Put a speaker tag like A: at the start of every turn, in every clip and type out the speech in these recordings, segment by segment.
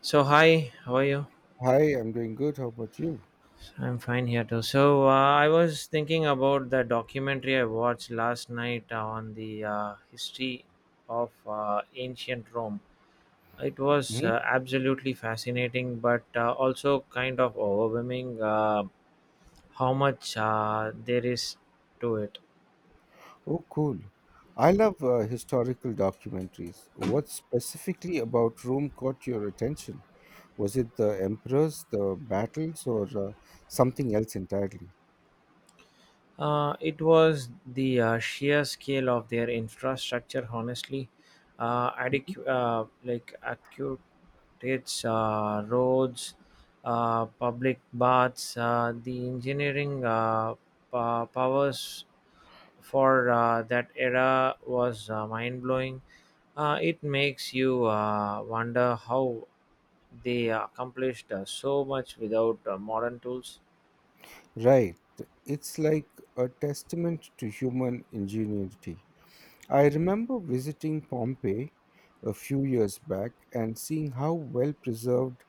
A: So hi, how are you?
B: Hi, I'm doing good. How about you?
A: I'm fine here too. I was thinking about the documentary I watched last night on the history of ancient Rome. It was
B: Mhm.
A: absolutely fascinating, but also kind of overwhelming how much there is to it.
B: Oh, cool. I love historical documentaries. What specifically about Rome caught your attention? Was it the emperors, the battles, or something else entirely?
A: It was the sheer scale of their infrastructure, honestly,
B: Mhm.
A: like acute. It's roads, public baths, the engineering powers for that era was mind blowing. It makes you wonder how they accomplished so much without modern tools.
B: Right. It's like a testament to human ingenuity. I remember visiting Pompeii a few years back and seeing how well preserved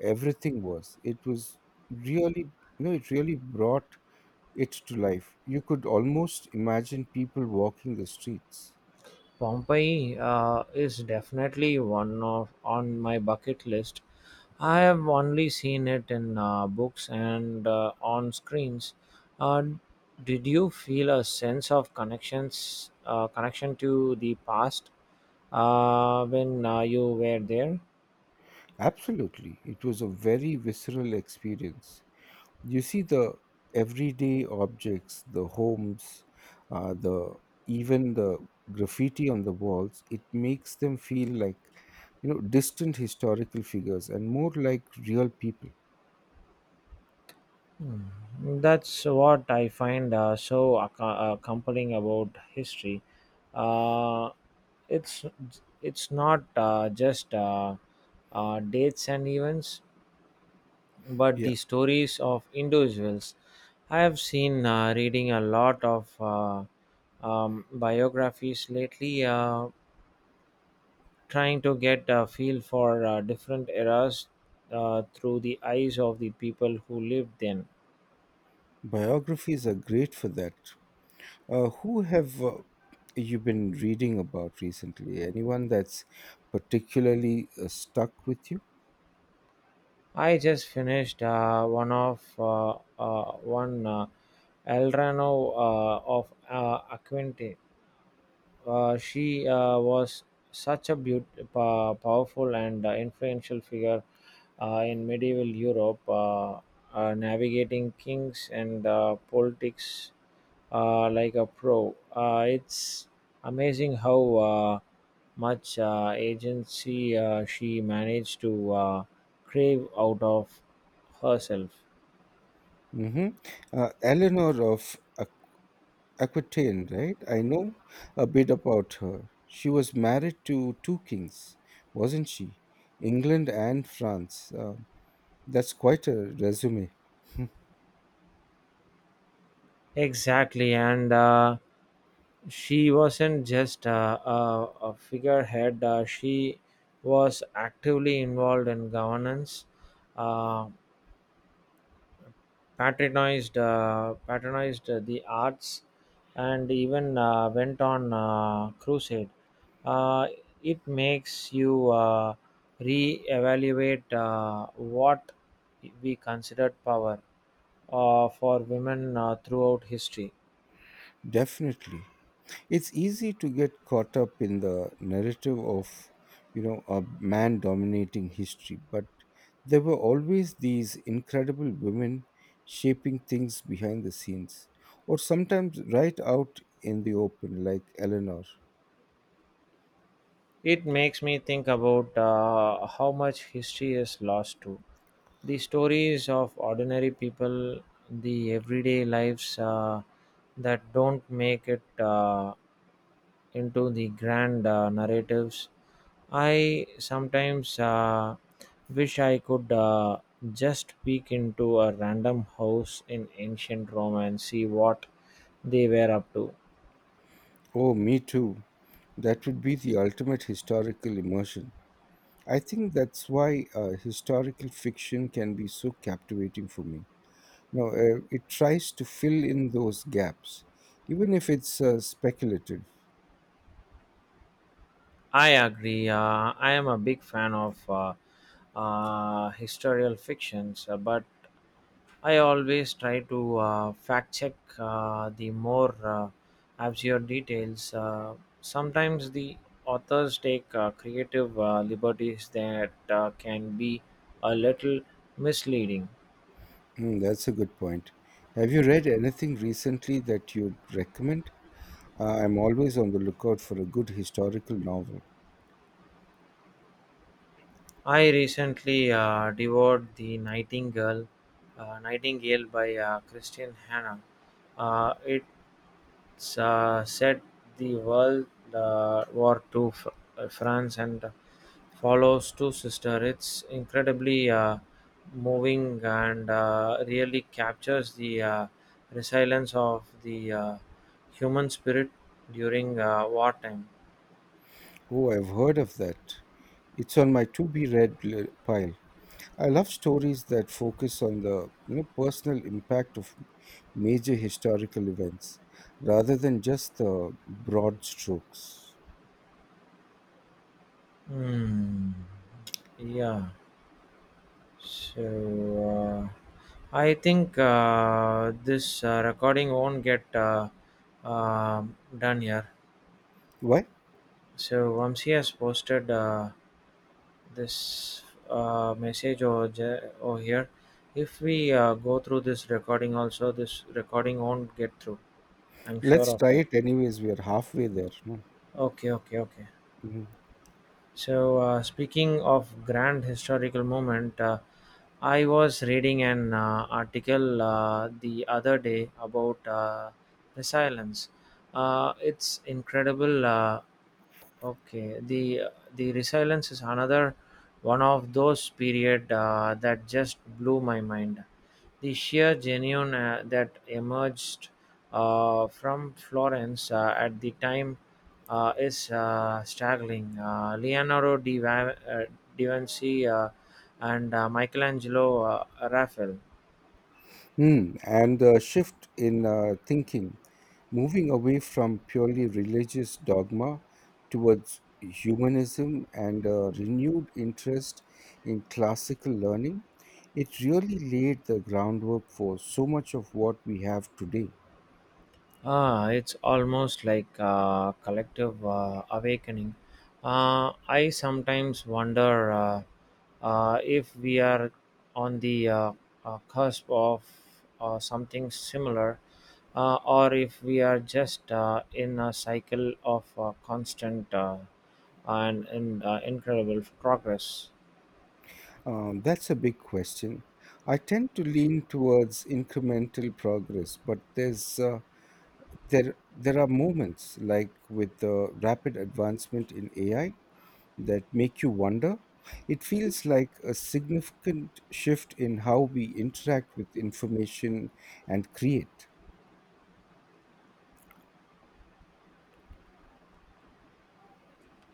B: everything was. It was really, it really brought it to life. You could almost imagine people walking the streets.
A: Pompeii is definitely one of on my bucket list. I have only seen it in books and on screens. Uh, did you feel a sense of connection to the past when you were there?
B: Absolutely. It was a very visceral experience. You see the everyday objects, the homes, the even the graffiti on the walls, it makes them feel like distant historical figures and more like real people.
A: Hmm. That's what I find compelling about history. Uh, it's it's not just dates and events, but the
B: Yeah,
A: stories of individuals. I have seen reading a lot of biographies lately, trying to get a feel for different eras through the eyes of the people who lived then.
B: biographies are great for that. Who have you been reading about recently? Anyone that's particularly stuck with you?
A: I just finished one of one Elrano of Aquente. She was such a powerful and influential figure in medieval Europe, navigating kings and politics like a pro. It's amazing how much agency she managed to crave out of herself.
B: Hmm. Eleanor of Aquitaine, right? I know a bit about her. She was married to two kings, wasn't she? England and France. That's quite a resume.
A: Exactly, and she wasn't just a figurehead. She was actively involved in governance, uh, patronized the arts, and even went on crusade. Uh, it makes you re-evaluate what we considered power for women throughout history.
B: Definitely. It's easy to get caught up in the narrative of a man dominating history, but there were always these incredible women shaping things behind the scenes or sometimes right out in the open, like Eleanor.
A: It makes me think about how much history is lost to the stories of ordinary people, the everyday lives that don't make it into the grand narratives. I sometimes wish I could just peek into a random house in ancient Rome and see what they were up to.
B: Oh, me too. That would be the ultimate historical immersion. I think that's why historical fiction can be so captivating for me. No, it tries to fill in those gaps, even if it's speculative.
A: I agree. I am a big fan of. Historical fictions, but I always try to fact check the more absurd details. Sometimes the authors take creative liberties that can be a little misleading.
B: Hmm, that's a good point. Have you read anything recently that you'd recommend? I'm always on the lookout for a good historical novel.
A: I recently devoured The Nightingale by Christian Hanna. It Sa set the World War two to France and follows two sister. It's incredibly moving and really captures the resilience of the human spirit during wartime.
B: Oh, I've heard of that. It's on my to be pile. I love stories that focus on the personal impact of major historical events rather than just the broad strokes.
A: Hmm. Yeah. So I think this recording won't get done here.
B: Why?
A: So Vamsi has posted this message over here. If we go through this recording also, this recording won't get through. I'm sure
B: Let's
A: of
B: try
A: that.
B: it anyways. We are halfway there. No?
A: Okay, okay, okay.
B: Mhm.
A: So, speaking of grand historical moment, I was reading an article the other day about resilience. It's incredible. Okay, the resilience is another one of those period that just blew my mind. The sheer genuine that emerged from Florence at the time is staggering. Leonardo da Vinci, and Michelangelo, Raphael.
B: Mm. And the shift in thinking, moving away from purely religious dogma towards humanism and a renewed interest in classical learning, it really laid the groundwork for so much of what we have today.
A: Ah, it's almost like a collective awakening. I sometimes wonder if we are on the cusp of something similar, or if we are just in a cycle of constant and incredible progress.
B: That's a big question. I tend to lean towards incremental progress, but there are moments like with the rapid advancement in AI that make you wonder. It feels like a significant shift in how we interact with information and create.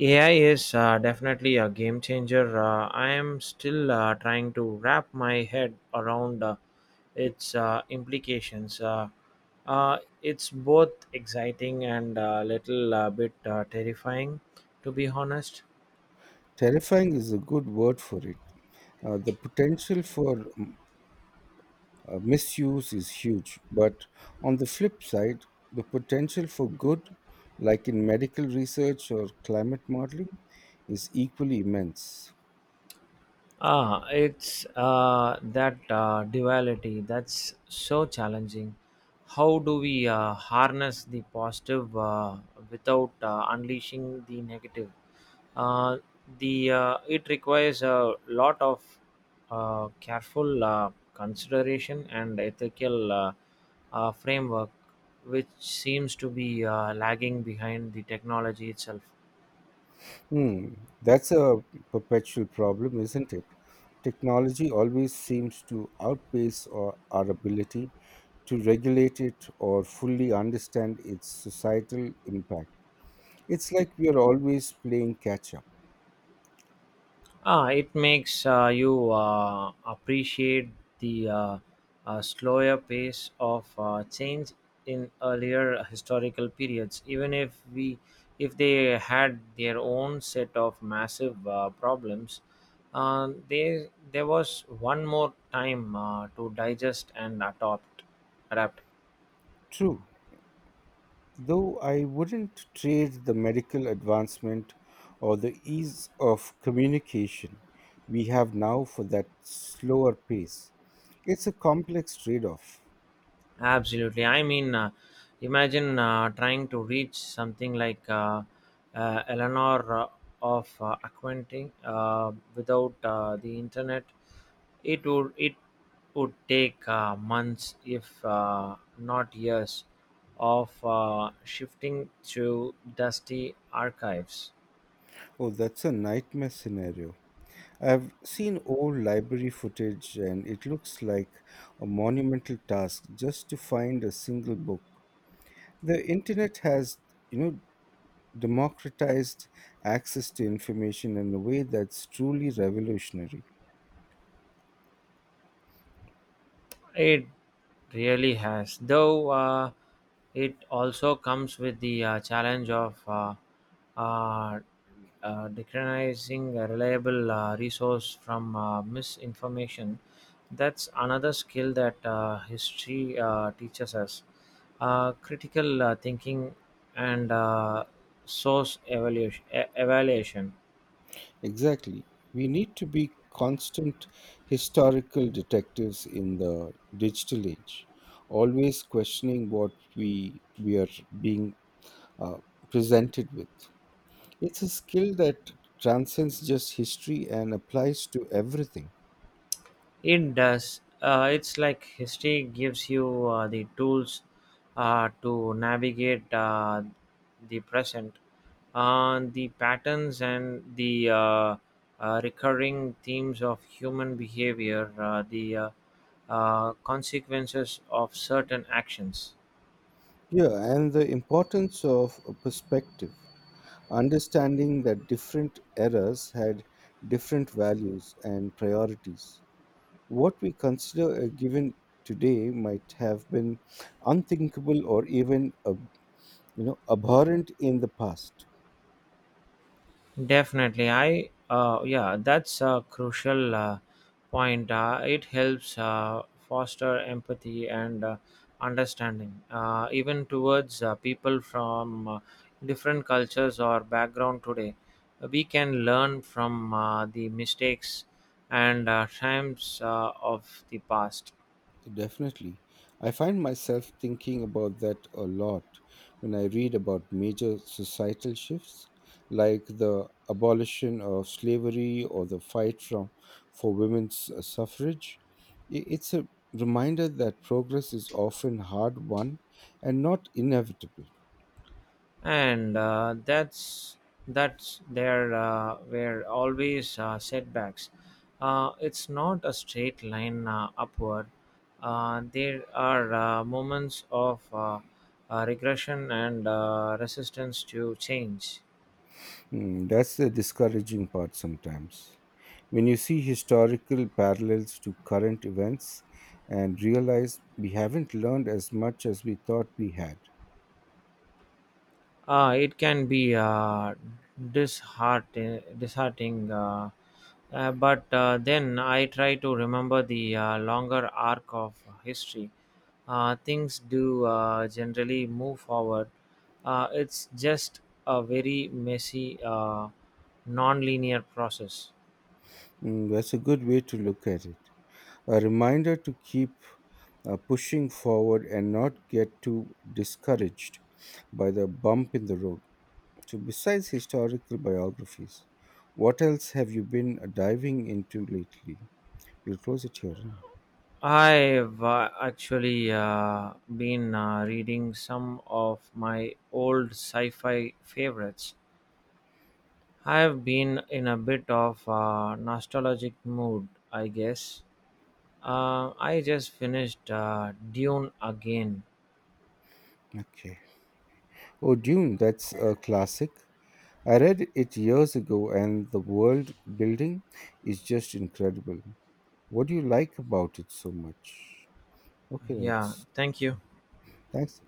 A: AI is definitely a game changer. I am still trying to wrap my head around its implications. It's both exciting and a little bit terrifying, to be honest.
B: Terrifying is a good word for it. The potential for misuse is huge, but on the flip side, the potential for good, like in medical research or climate modeling, is equally immense.
A: Ah, it's that duality that's so challenging. How do we harness the positive without unleashing the negative? Uh, the It requires a lot of careful consideration and ethical framework, which seems to be lagging behind the technology itself.
B: Hmm, that's a perpetual problem, isn't it? Technology always seems to outpace our ability to regulate it or fully understand its societal impact. It's like we are always playing catch up.
A: Ah, it makes you appreciate the slower pace of change in earlier historical periods, even if we if they had their own set of massive problems. There was one more time to digest and adapt.
B: True, though I wouldn't trade the medical advancement or the ease of communication we have now for that slower pace. It's a complex trade off.
A: Absolutely. I mean, imagine trying to reach something like Eleanor of Aquitaine without the internet. It would take months, if not years, of shifting to dusty archives.
B: Oh, that's a nightmare scenario. I've seen old library footage and it looks like a monumental task just to find a single book. The internet has, you know, democratized access to information in a way that's truly revolutionary.
A: It really has, though. It also comes with the challenge of uh, decriminalizing a reliable resource from misinformation. That's another skill that history teaches us. Critical thinking and source evaluation.
B: Exactly. We need to be constant historical detectives in the digital age, always questioning what we are being uh, presented with. It's a skill that transcends just history and applies to everything.
A: It does. It's like history gives you the tools to navigate the present. The patterns and the recurring themes of human behavior, the consequences of certain actions.
B: Yeah, and the importance of a perspective, understanding that different eras had different values and priorities. What we consider a given today might have been unthinkable or even abhorrent in the past.
A: Definitely, I yeah, that's a crucial point. It helps foster empathy and understanding, even towards people from different cultures or background. Today, we can learn from the mistakes and triumphs of the past.
B: Definitely. I find myself thinking about that a lot when I read about major societal shifts like the abolition of slavery or the fight from, for women's suffrage. It's a reminder that progress is often hard won and not inevitable.
A: And that's there were always setbacks. It's not a straight line upward. There are moments of regression and resistance to change.
B: Mm, that's the discouraging part sometimes. When you see historical parallels to current events and realize we haven't learned as much as we thought we had.
A: It can be disheartening, but then I try to remember the longer arc of history. Things do generally move forward. It's just a very messy, non-linear process.
B: Mm, that's a good way to look at it. A reminder to keep pushing forward and not get too discouraged by the bump in the road. So, besides historical biographies, what else have you been diving into lately? We'll close it here, huh?
A: I've actually been reading some of my old sci fi favorites. I've been in a bit of a nostalgic mood, I guess. I just finished Dune again.
B: Okay. Oh, Dune, that's a classic. I read it years ago, and the world building is just incredible. What do you like about it so much? Okay,
A: Yeah,
B: that's
A: thank you.
B: thanks.